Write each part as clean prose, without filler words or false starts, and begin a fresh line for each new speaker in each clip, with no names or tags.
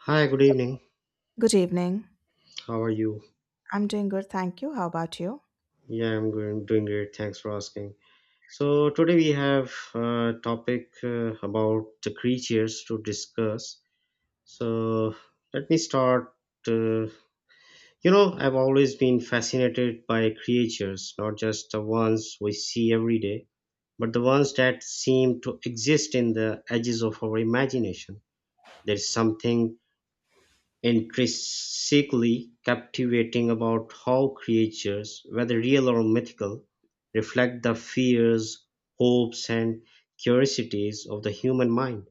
Hi, good evening.
Good evening.
How are you?
I'm doing good, thank you. How about you?
Yeah, I'm good, doing great. Thanks for asking. So today we have a topic about the creatures to discuss. So let me start. Uh, I've always been fascinated by creatures, not just the ones we see every day, but the ones that seem to exist in the edges of our imagination. There's something intrinsically captivating about how creatures, whether real or mythical, reflect the fears, hopes, and curiosities of the human mind.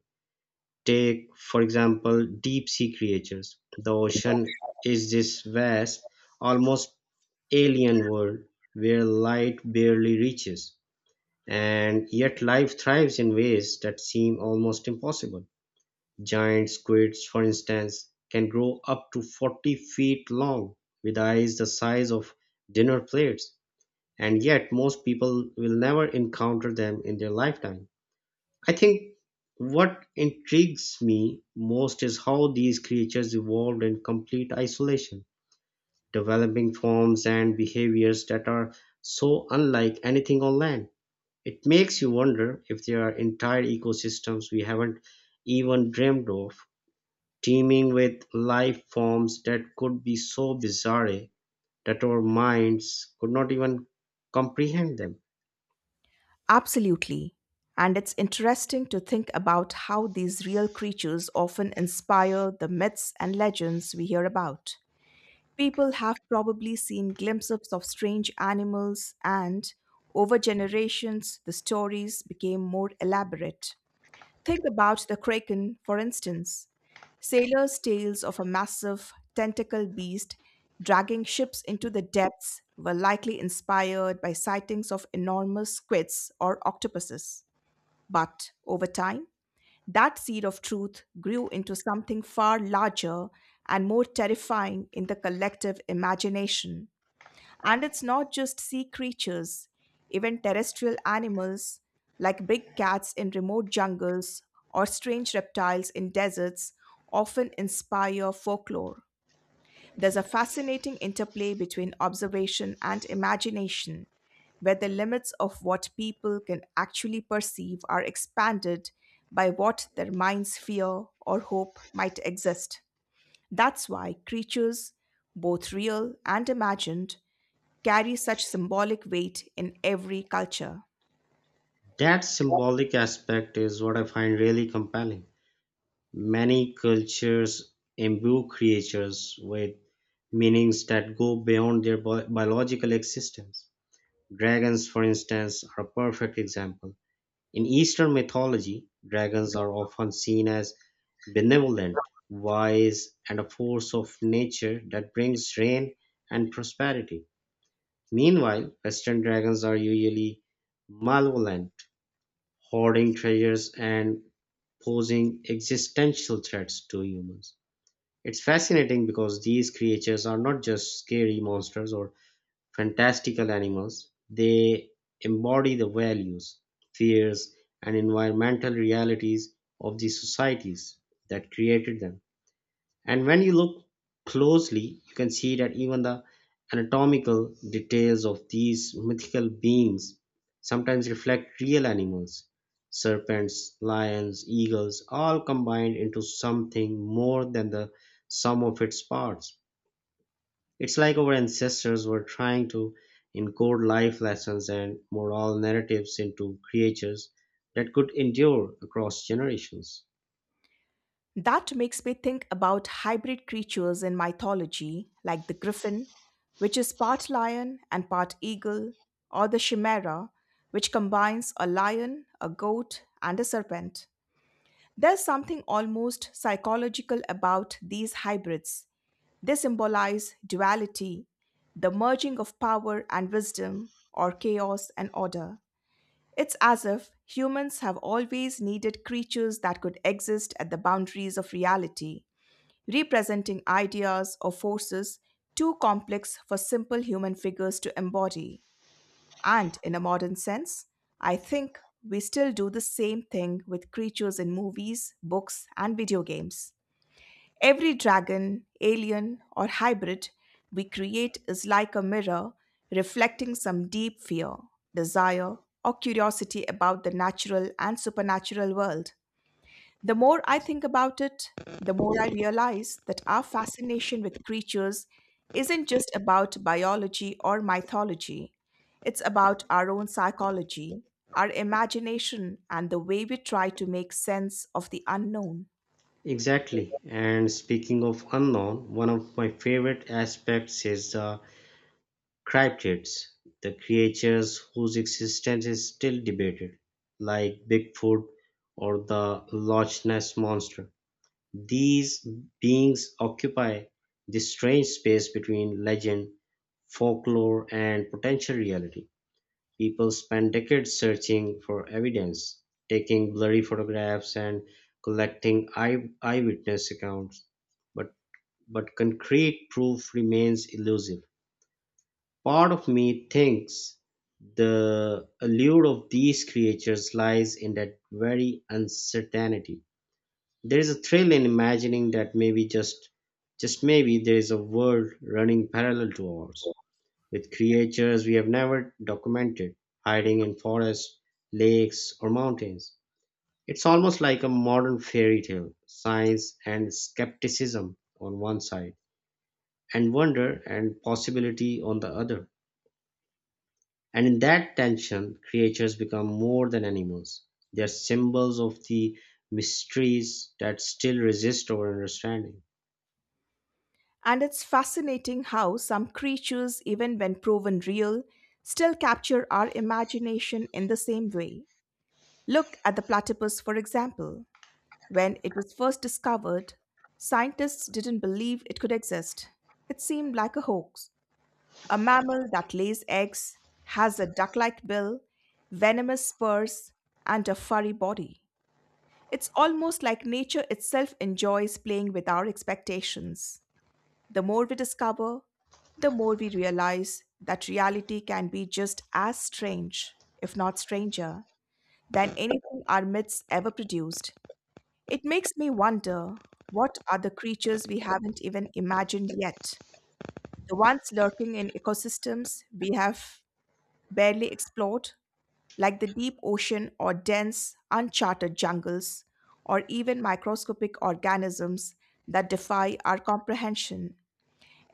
Take, for example, deep sea creatures. The ocean is this vast, almost alien world where light barely reaches, and yet life thrives in ways that seem almost impossible. Giant squids, for instance, can grow up to 40 feet long with eyes the size of dinner plates, and yet most people will never encounter them in their lifetime. I think what intrigues me most is how these creatures evolved in complete isolation, developing forms and behaviors that are so unlike anything on land. It makes you wonder if there are entire ecosystems we haven't even dreamed of, teeming with life forms that could be so bizarre that our minds could not even comprehend them.
Absolutely. And it's interesting to think about how these real creatures often inspire the myths and legends we hear about. People have probably seen glimpses of strange animals, and over generations, the stories became more elaborate. Think about the kraken, for instance. Sailors' tales of a massive, tentacle beast dragging ships into the depths were likely inspired by sightings of enormous squids or octopuses. But over time, that seed of truth grew into something far larger and more terrifying in the collective imagination. And it's not just sea creatures, even terrestrial animals like big cats in remote jungles or strange reptiles in deserts often inspire folklore. There's a fascinating interplay between observation and imagination, where the limits of what people can actually perceive are expanded by what their minds fear or hope might exist. That's why creatures, both real and imagined, carry such symbolic weight in every culture.
That symbolic aspect is what I find really compelling. Many cultures imbue creatures with meanings that go beyond their biological existence. Dragons, for instance, are a perfect example. In Eastern mythology, dragons are often seen as benevolent, wise, and a force of nature that brings rain and prosperity. Meanwhile, Western dragons are usually malevolent, hoarding treasures and posing existential threats to humans. It's fascinating because these creatures are not just scary monsters or fantastical animals, they embody the values, fears, and environmental realities of the societies that created them. And when you look closely, you can see that even the anatomical details of these mythical beings sometimes reflect real animals. Serpents, lions, eagles, all combined into something more than the sum of its parts. It's like our ancestors were trying to encode life lessons and moral narratives into creatures that could endure across generations.
That makes me think about hybrid creatures in mythology, like the griffin, which is part lion and part eagle, or the chimera, which combines a lion, a goat, and a serpent. There's something almost psychological about these hybrids. They symbolize duality, the merging of power and wisdom, or chaos and order. It's as if humans have always needed creatures that could exist at the boundaries of reality, representing ideas or forces too complex for simple human figures to embody. And in a modern sense, I think we still do the same thing with creatures in movies, books, and video games. Every dragon, alien, or hybrid we create is like a mirror reflecting some deep fear, desire, or curiosity about the natural and supernatural world. The more I think about it, the more I realize that our fascination with creatures isn't just about biology or mythology. It's about our own psychology, our imagination, and the way we try to make sense of the unknown.
Exactly. And speaking of unknown, one of my favorite aspects is the cryptids, the creatures whose existence is still debated, like Bigfoot or the Loch Ness monster. These beings occupy this strange space between legend, folklore, and potential reality. People spend decades searching for evidence, taking blurry photographs, and collecting eyewitness accounts. But, but concrete proof remains elusive. Part of me thinks the allure of these creatures lies in that very uncertainty. There is a thrill in imagining that maybe just, maybe there is a world running parallel to ours, with creatures we have never documented, hiding in forests, lakes, or mountains. It's almost like a modern fairy tale, science and skepticism on one side, and wonder and possibility on the other. And in that tension, creatures become more than animals. They are symbols of the mysteries that still resist our understanding.
And it's fascinating how some creatures, even when proven real, still capture our imagination in the same way. Look at the platypus, for example. When it was first discovered, scientists didn't believe it could exist. It seemed like a hoax. A mammal that lays eggs, has a duck like bill, venomous spurs, and a furry body. It's almost like nature itself enjoys playing with our expectations. The more we discover, the more we realize that reality can be just as strange, if not stranger, than anything our myths ever produced. It makes me wonder, what are the creatures we haven't even imagined yet? The ones lurking in ecosystems we have barely explored, like the deep ocean or dense, uncharted jungles, or even microscopic organisms that defy our comprehension.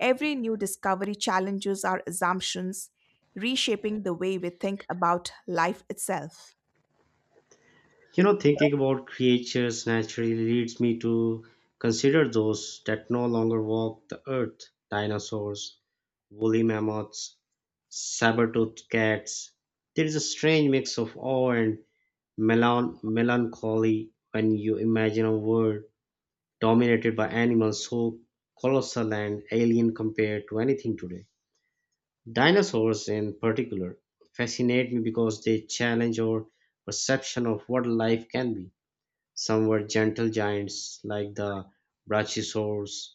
Every new discovery challenges our assumptions, reshaping the way we think about life itself.
You know, thinking about creatures naturally leads me to consider those that no longer walk the earth: dinosaurs, woolly mammoths, saber toothed cats. There is a strange mix of awe and melancholy when you imagine a world dominated by animals so colossal and alien compared to anything today. Dinosaurs, in particular, fascinate me because they challenge our perception of what life can be. Some were gentle giants like the brachiosaurs,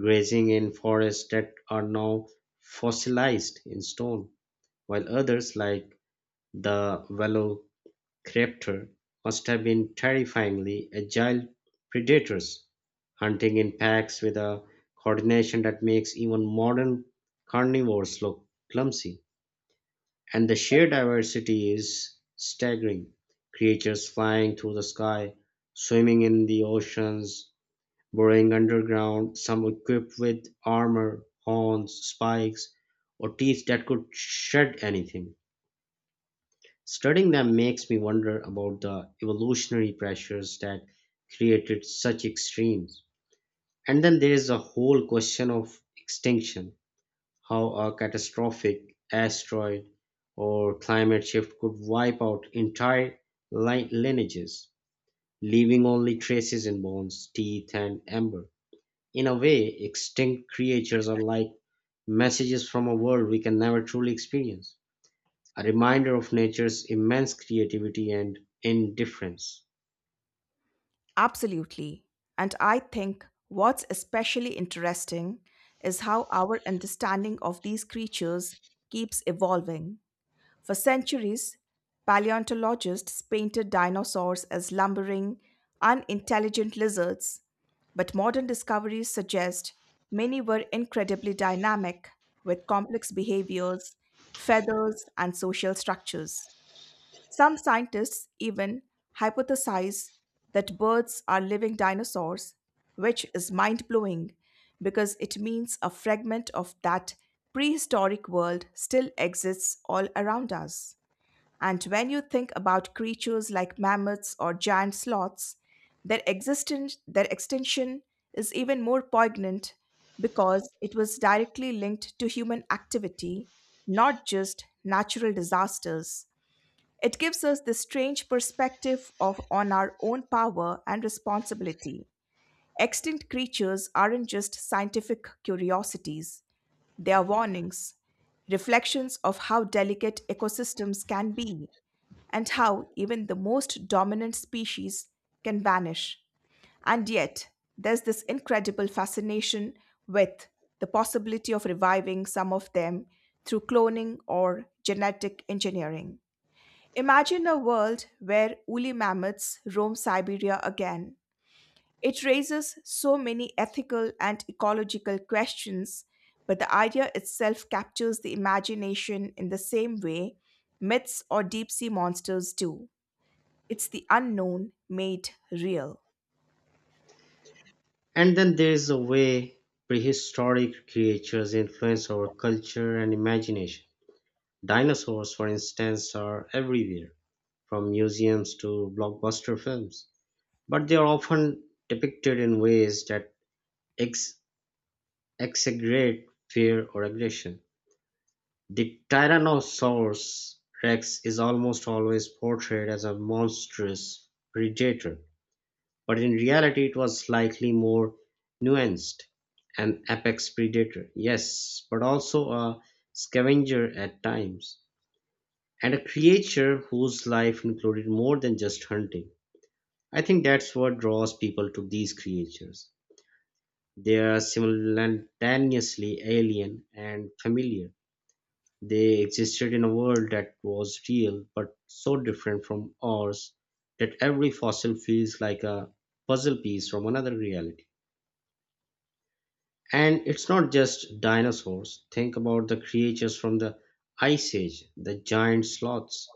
grazing in forests that are now fossilized in stone, while others like the Velociraptor must have been terrifyingly agile predators, hunting in packs with a coordination that makes even modern carnivores look clumsy. And the sheer diversity is staggering. Creatures flying through the sky, swimming in the oceans, burrowing underground, some equipped with armor, horns, spikes, or teeth that could shred anything. Studying them makes me wonder about the evolutionary pressures that created such extremes. And then there is the whole question of extinction: how a catastrophic asteroid or climate shift could wipe out entire lineages, leaving only traces in bones, teeth, and amber. In a way, extinct creatures are like messages from a world we can never truly experience, a reminder of nature's immense creativity and indifference.
Absolutely. And I think what's especially interesting is how our understanding of these creatures keeps evolving. For centuries, paleontologists painted dinosaurs as lumbering, unintelligent lizards, but modern discoveries suggest many were incredibly dynamic, with complex behaviors, feathers, and social structures. Some scientists even hypothesize that birds are living dinosaurs, which is mind blowing because it means a fragment of that prehistoric world still exists all around us. And when you think about creatures like mammoths or giant sloths, their existence, their extinction is even more poignant because it was directly linked to human activity, not just natural disasters. It gives us this strange perspective of on our own power and responsibility. Extinct creatures aren't just scientific curiosities, they are warnings, reflections of how delicate ecosystems can be and how even the most dominant species can vanish. And yet, there's this incredible fascination with the possibility of reviving some of them through cloning or genetic engineering. Imagine a world where woolly mammoths roam Siberia again. It raises so many ethical and ecological questions, but the idea itself captures the imagination in the same way myths or deep sea monsters do. It's the unknown made real.
And then there's the way prehistoric creatures influence our culture and imagination. Dinosaurs, for instance, are everywhere, from museums to blockbuster films, but they are often depicted in ways that ex- exaggerate fear or aggression. The Tyrannosaurus Rex is almost always portrayed as a monstrous predator, but in reality, it was slightly more nuanced, an apex predator, yes, but also a scavenger at times, and a creature whose life included more than just hunting. I think that's what draws people to these creatures. They are simultaneously alien and familiar. They existed in a world that was real but so different from ours that every fossil feels like a puzzle piece from another reality. And it's not just dinosaurs. Think about the creatures from the Ice Age, the giant sloths,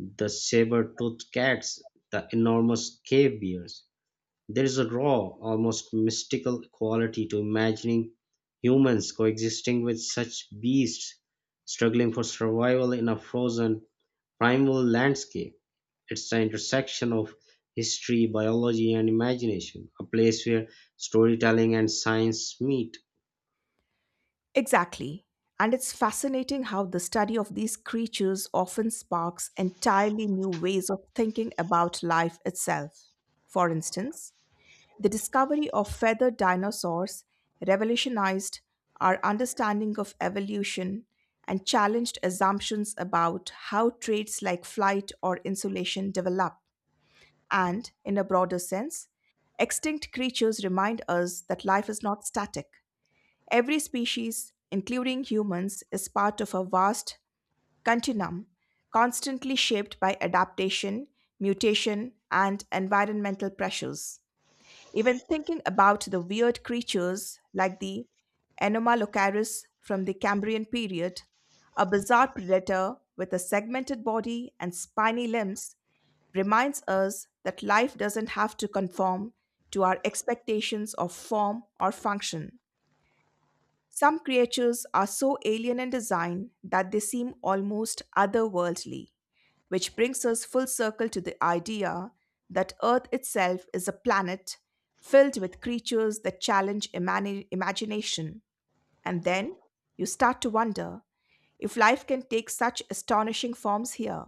the saber-toothed cats, the enormous cave bears. There is a raw, almost mystical quality to imagining humans coexisting with such beasts, struggling for survival in a frozen, primal landscape. It's the intersection of history, biology, and imagination, a place where storytelling and science meet.
Exactly. And it's fascinating how the study of these creatures often sparks entirely new ways of thinking about life itself. For instance, the discovery of feathered dinosaurs revolutionized our understanding of evolution and challenged assumptions about how traits like flight or insulation develop. And, in a broader sense, extinct creatures remind us that life is not static. Every species, including humans, is part of a vast continuum, constantly shaped by adaptation, mutation, and environmental pressures. Even thinking about the weird creatures like the Anomalocaris from the Cambrian period, a bizarre predator with a segmented body and spiny limbs, reminds us that life doesn't have to conform to our expectations of form or function. Some creatures are so alien in design that they seem almost otherworldly, which brings us full circle to the idea that Earth itself is a planet filled with creatures that challenge imagination. And then you start to wonder, if life can take such astonishing forms here,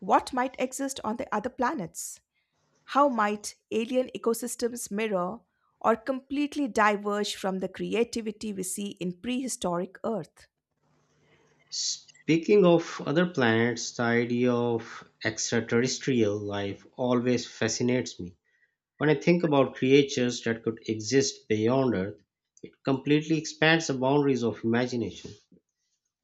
what might exist on the other planets? How might alien ecosystems mirror or completely diverge from the creativity we see in prehistoric Earth?
Speaking of other planets, the idea of extraterrestrial life always fascinates me. When I think about creatures that could exist beyond Earth, it completely expands the boundaries of imagination.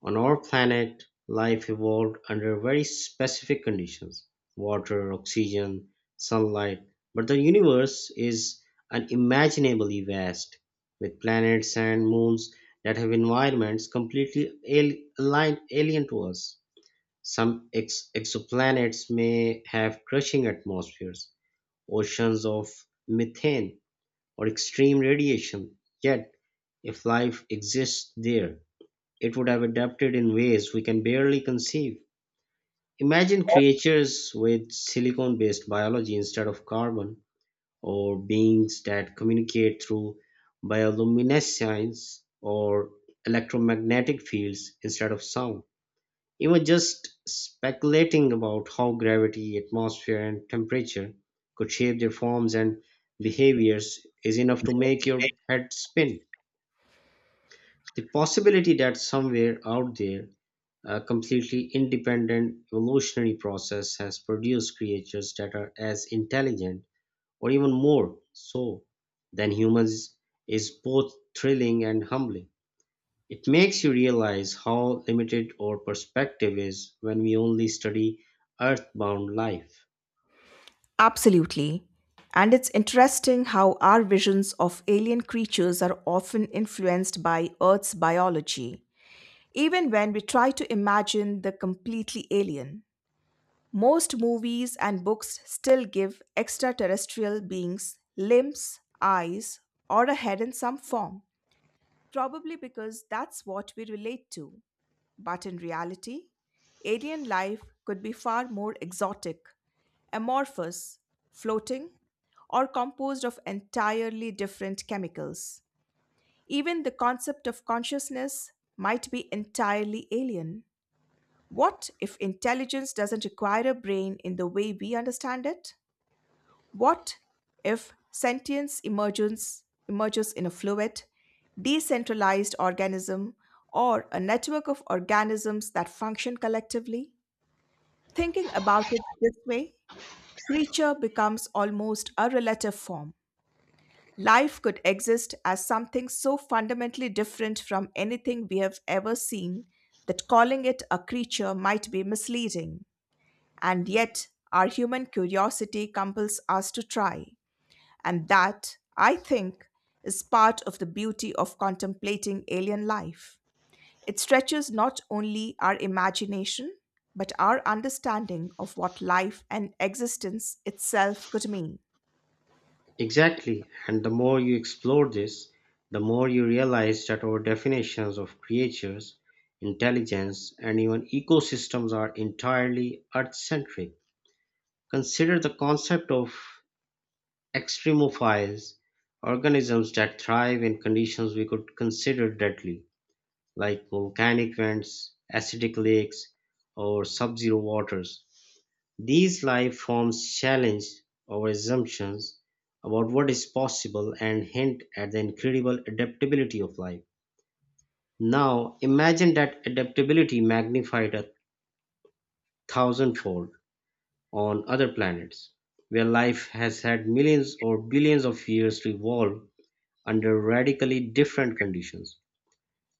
On our planet, life evolved under very specific conditions: water, oxygen, sunlight, but the universe is unimaginably vast, with planets and moons that have environments completely alien to us. Some exoplanets may have crushing atmospheres, oceans of methane, or extreme radiation. Yet, if life exists there, it would have adapted in ways we can barely conceive. Imagine creatures with silicon based biology instead of carbon, or beings that communicate through bioluminescence or electromagnetic fields instead of sound. He was just speculating about how gravity, atmosphere, and temperature could shape their forms and behaviors is enough to make your head spin. The possibility that somewhere out there, a completely independent evolutionary process has produced creatures that are as intelligent or even more so than humans is both thrilling and humbling. It makes you realize how limited our perspective is when we only study earthbound life.
Absolutely. And it's interesting how our visions of alien creatures are often influenced by Earth's biology, even when we try to imagine the completely alien. Most movies and books still give extraterrestrial beings limbs, eyes, or a head in some form, probably because that's what we relate to. But in reality, alien life could be far more exotic, amorphous, floating, or composed of entirely different chemicals. Even the concept of consciousness might be entirely alien. What if intelligence doesn't require a brain in the way we understand it? What if sentience emerges in a fluid, decentralized organism or a network of organisms that function collectively? Thinking about it this way, creature becomes almost a relative form. Life could exist as something so fundamentally different from anything we have ever seen that calling it a creature might be misleading. And yet, our human curiosity compels us to try. And that, I think, is part of the beauty of contemplating alien life. It stretches not only our imagination, but our understanding of what life and existence itself could mean.
Exactly, and the more you explore this, the more you realize that our definitions of creatures, intelligence, and even ecosystems are entirely earth centric. Consider the concept of extremophiles, organisms that thrive in conditions we could consider deadly, like volcanic vents, acidic lakes, or sub-zero waters. These life forms challenge our assumptions about what is possible and hint at the incredible adaptability of life. Now, imagine that adaptability magnified a thousandfold on other planets, where life has had millions or billions of years to evolve under radically different conditions.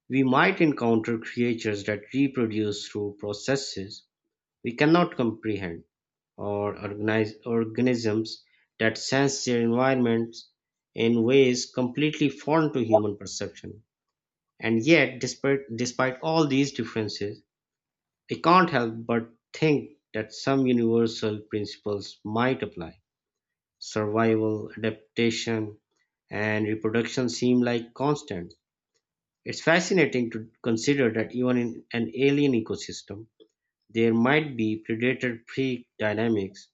We might encounter creatures that reproduce through processes we cannot comprehend, or organize organisms that sense their environments in ways completely foreign to human perception. And yet, despite all these differences, I can't help but think that some universal principles might apply. Survival, adaptation, and reproduction seem like constants. It's fascinating to consider that even in an alien ecosystem, there might be predator prey dynamics,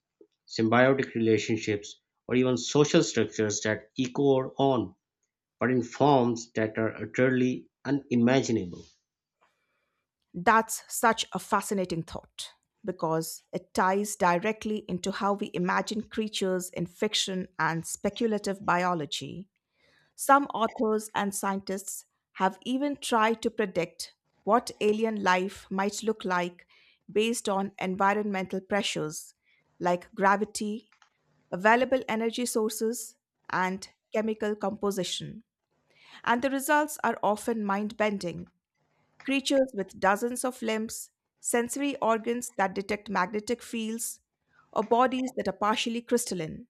symbiotic relationships, or even social structures that echo on, but in forms that are utterly unimaginable.
That's such a fascinating thought because it ties directly into how we imagine creatures in fiction and speculative biology. Some authors and scientists have even tried to predict what alien life might look like based on environmental pressures like gravity, available energy sources, and chemical composition. And the results are often mind bending. Creatures with dozens of limbs, sensory organs that detect magnetic fields, or bodies that are partially crystalline.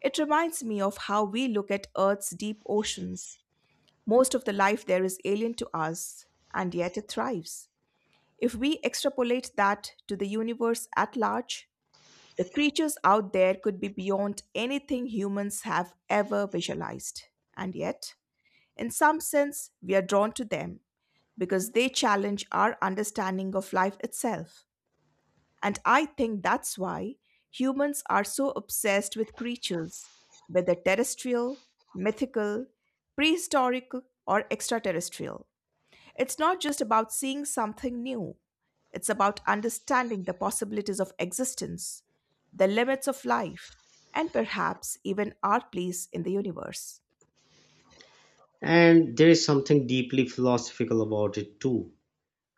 It reminds me of how we look at Earth's deep oceans, most of the life there is alien to us, and yet it thrives. If we extrapolate that to the universe at large, the creatures out there could be beyond anything humans have ever visualized. And yet, in some sense, we are drawn to them because they challenge our understanding of life itself. And I think that's why humans are so obsessed with creatures, whether terrestrial, mythical, prehistoric, or extraterrestrial. It's not just about seeing something new, it's about understanding the possibilities of existence, the limits of life, and perhaps even our place in the universe.
And there is something deeply philosophical about it too.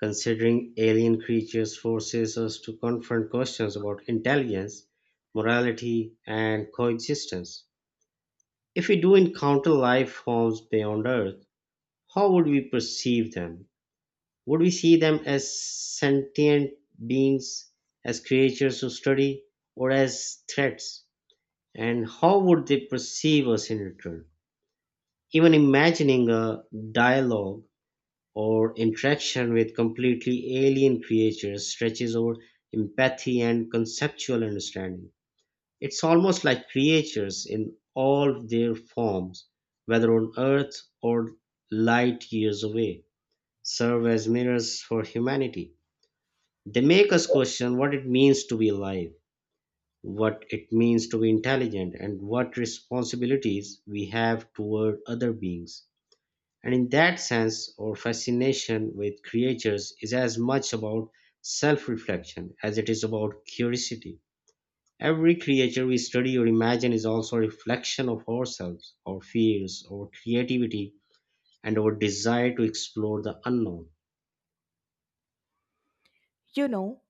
Considering alien creatures forces us to confront questions about intelligence, morality, and coexistence. If we do encounter life forms beyond Earth, how would we perceive them? Would we see them as sentient beings, as creatures to study, or as threats? And how would they perceive us in return? Even imagining a dialogue or interaction with completely alien creatures stretches our empathy and conceptual understanding. It's almost like creatures in all their forms, whether on Earth or light years away, serve as mirrors for humanity. They make us question what it means to be alive, what it means to be intelligent, and what responsibilities we have toward other beings. And in that sense, our fascination with creatures is as much about self reflection as it is about curiosity. Every creature we study or imagine is also a reflection of ourselves, our fears, our creativity, and our desire to explore the unknown.
You know,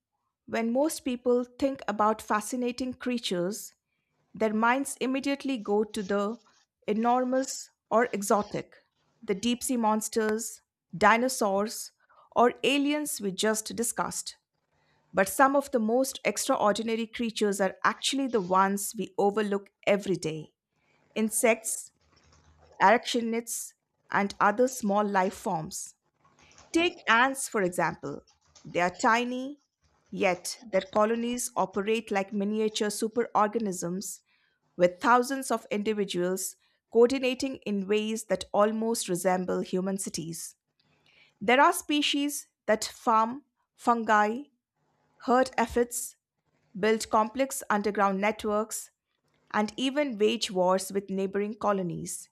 when most people think about fascinating creatures, their minds immediately go to the enormous or exotic, the deep sea monsters, dinosaurs, or aliens we just discussed. But some of the most extraordinary creatures are actually the ones we overlook every day: insects, arachnids, and other small life forms. Take ants, for example. They are tiny, yet their colonies operate like miniature superorganisms with thousands of individuals coordinating in ways that almost resemble human cities. There are species that farm, fungi, herd aphids, build complex underground networks, and even wage wars with neighboring colonies.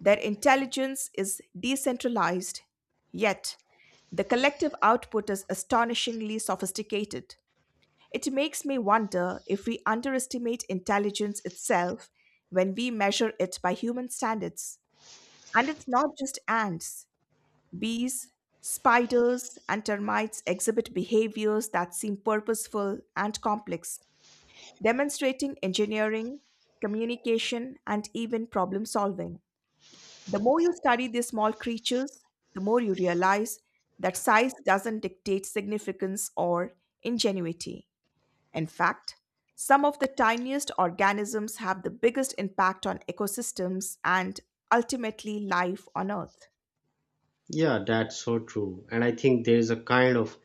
Their intelligence is decentralized, yet the collective output is astonishingly sophisticated. It makes me wonder if we underestimate intelligence itself when we measure it by human standards. And it's not just ants, bees, spiders, and termites exhibit behaviors that seem purposeful and complex, demonstrating engineering, communication, and even problem solving. The more you study these small creatures, the more you realize that size doesn't dictate significance or ingenuity. In fact, some of the tiniest organisms have the biggest impact on ecosystems and ultimately life on Earth.
Yeah, that's so true. And I think there is a kind of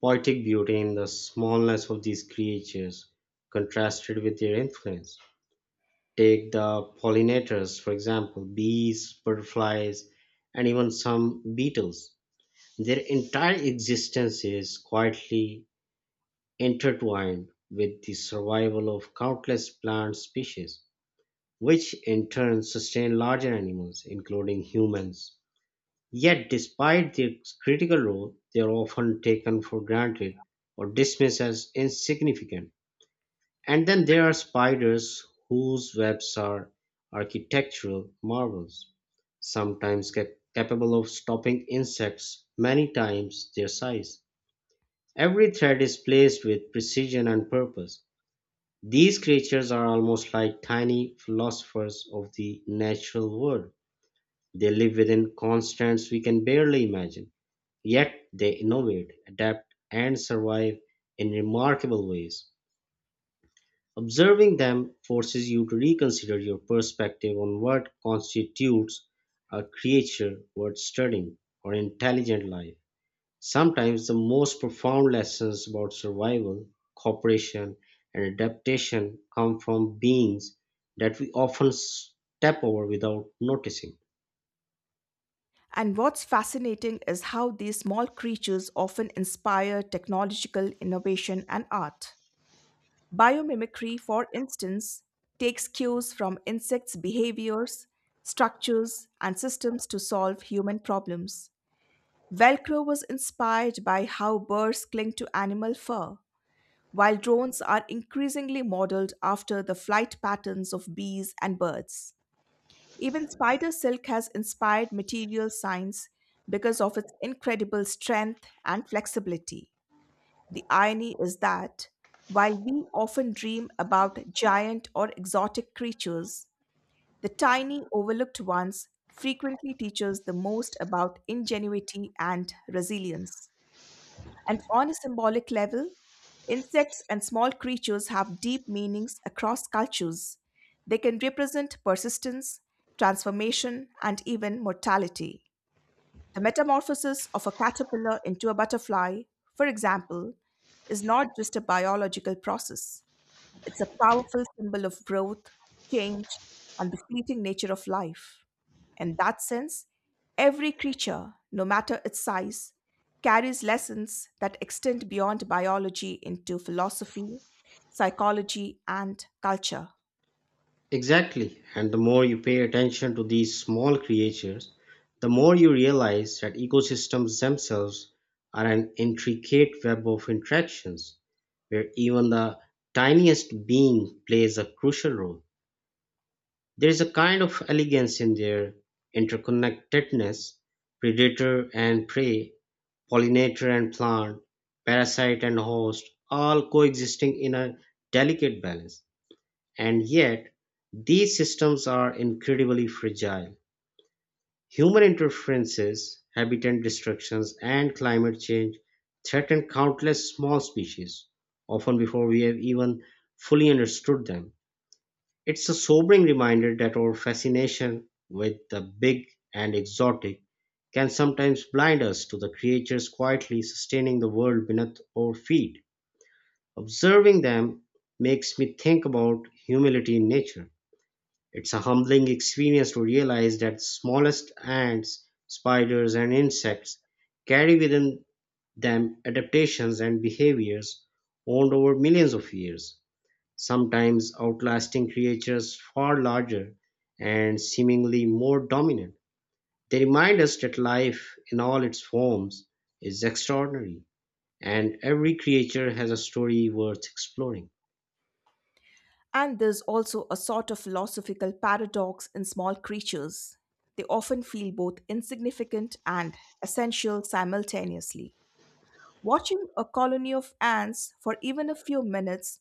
poetic beauty in the smallness of these creatures contrasted with their influence. Take the pollinators, for example, bees, butterflies, and even some beetles. Their entire existence is quietly intertwined with the survival of countless plant species, which in turn sustain larger animals, including humans. Yet, despite their critical role, they are often taken for granted or dismissed as insignificant. And then there are spiders whose webs are architectural marvels, sometimes capable of stopping insects many times their size. Every thread is placed with precision and purpose. These creatures are almost like tiny philosophers of the natural world. They live within constraints we can barely imagine, yet they innovate, adapt, and survive in remarkable ways. Observing them forces you to reconsider your perspective on what constitutes a creature worth studying or intelligent life. Sometimes the most profound lessons about survival, cooperation, and adaptation come from beings that we often step over without noticing.
And what's fascinating is how these small creatures often inspire technological innovation and art. Biomimicry, for instance, takes cues from insects' behaviors, structures, and systems to solve human problems. Velcro was inspired by how birds cling to animal fur, while drones are increasingly modeled after the flight patterns of bees and birds. Even spider silk has inspired material science because of its incredible strength and flexibility. The irony is that while we often dream about giant or exotic creatures, the tiny, overlooked ones frequently teach us the most about ingenuity and resilience. And on a symbolic level, insects and small creatures have deep meanings across cultures. They can represent persistence, transformation, and even mortality. The metamorphosis of a caterpillar into a butterfly, for example, is not just a biological process. It's a powerful symbol of growth, change, and the fleeting nature of life. In that sense, every creature, no matter its size, carries lessons that extend beyond biology into philosophy, psychology, and culture.
Exactly. And the more you pay attention to these small creatures, the more you realize that ecosystems themselves are an intricate web of interactions where even the tiniest being plays a crucial role. There is a kind of elegance in their interconnectedness, predator and prey, pollinator and plant, parasite and host, all coexisting in a delicate balance. And yet, these systems are incredibly fragile. Human interferences, habitat destructions, and climate change threaten countless small species, often before we have even fully understood them. It's a sobering reminder that our fascination with the big and exotic can sometimes blind us to the creatures quietly sustaining the world beneath our feet. Observing them makes me think about humility in nature. It's a humbling experience to realize that the smallest ants, spiders, and insects carry within them adaptations and behaviors honed over millions of years, sometimes outlasting creatures far larger and seemingly more dominant. They remind us that life, in all its forms, is extraordinary, and every creature has a story worth exploring.
And there's also a sort of philosophical paradox in small creatures. They often feel both insignificant and essential simultaneously. Watching a colony of ants for even a few minutes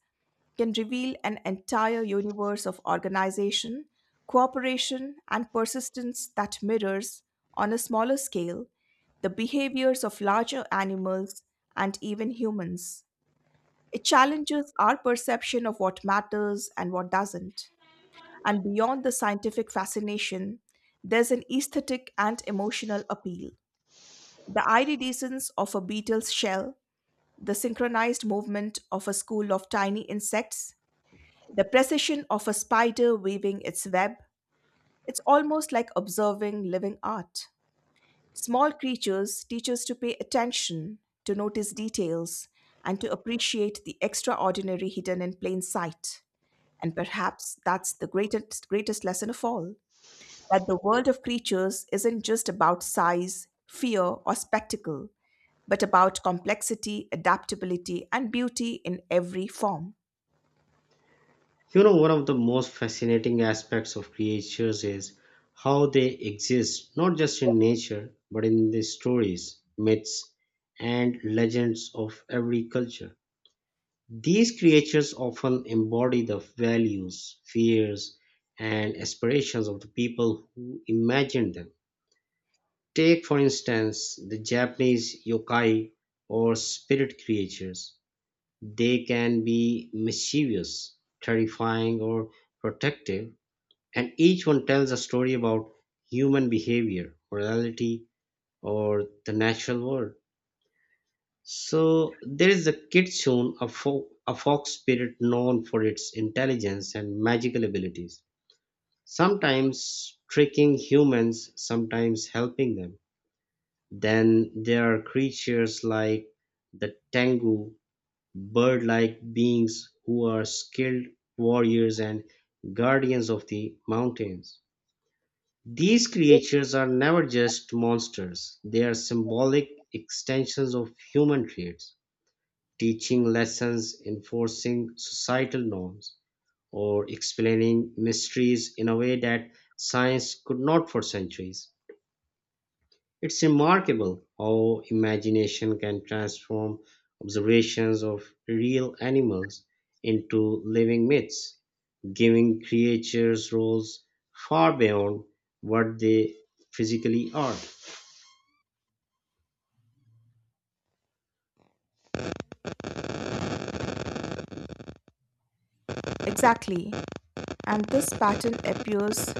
can reveal an entire universe of organization, cooperation, and persistence that mirrors, on a smaller scale, the behaviors of larger animals and even humans. It challenges our perception of what matters and what doesn't. And beyond the scientific fascination, there's an aesthetic and emotional appeal. The iridescence of a beetle's shell, the synchronized movement of a school of tiny insects, the precision of a spider weaving its web, it's almost like observing living art. Small creatures teach us to pay attention, to notice details, and to appreciate the extraordinary hidden in plain sight. And perhaps that's the greatest lesson of all, that the world of creatures isn't just about size, fear, or spectacle, but about complexity, adaptability, and beauty in every form.
You know, one of the most fascinating aspects of creatures is how they exist not just in nature but in the stories, myths, and legends of every culture. These creatures often embody the values, fears, and aspirations of the people who imagined them. Take, for instance, the Japanese yokai or spirit creatures. They can be mischievous, terrifying, or protective, and each one tells a story about human behavior, morality, or the natural world. So there is the Kitsune, a fox spirit known for its intelligence and magical abilities, sometimes tricking humans, sometimes helping them. Then there are creatures like the Tengu, bird like beings who are skilled warriors and guardians of the mountains. These creatures are never just monsters, they are symbolic extensions of human traits teaching lessons, enforcing societal norms, or explaining mysteries in a way that science could not for centuries. It's remarkable how imagination can transform observations of real animals into living myths, giving creatures roles far beyond what they physically are.
Exactly. And this pattern appears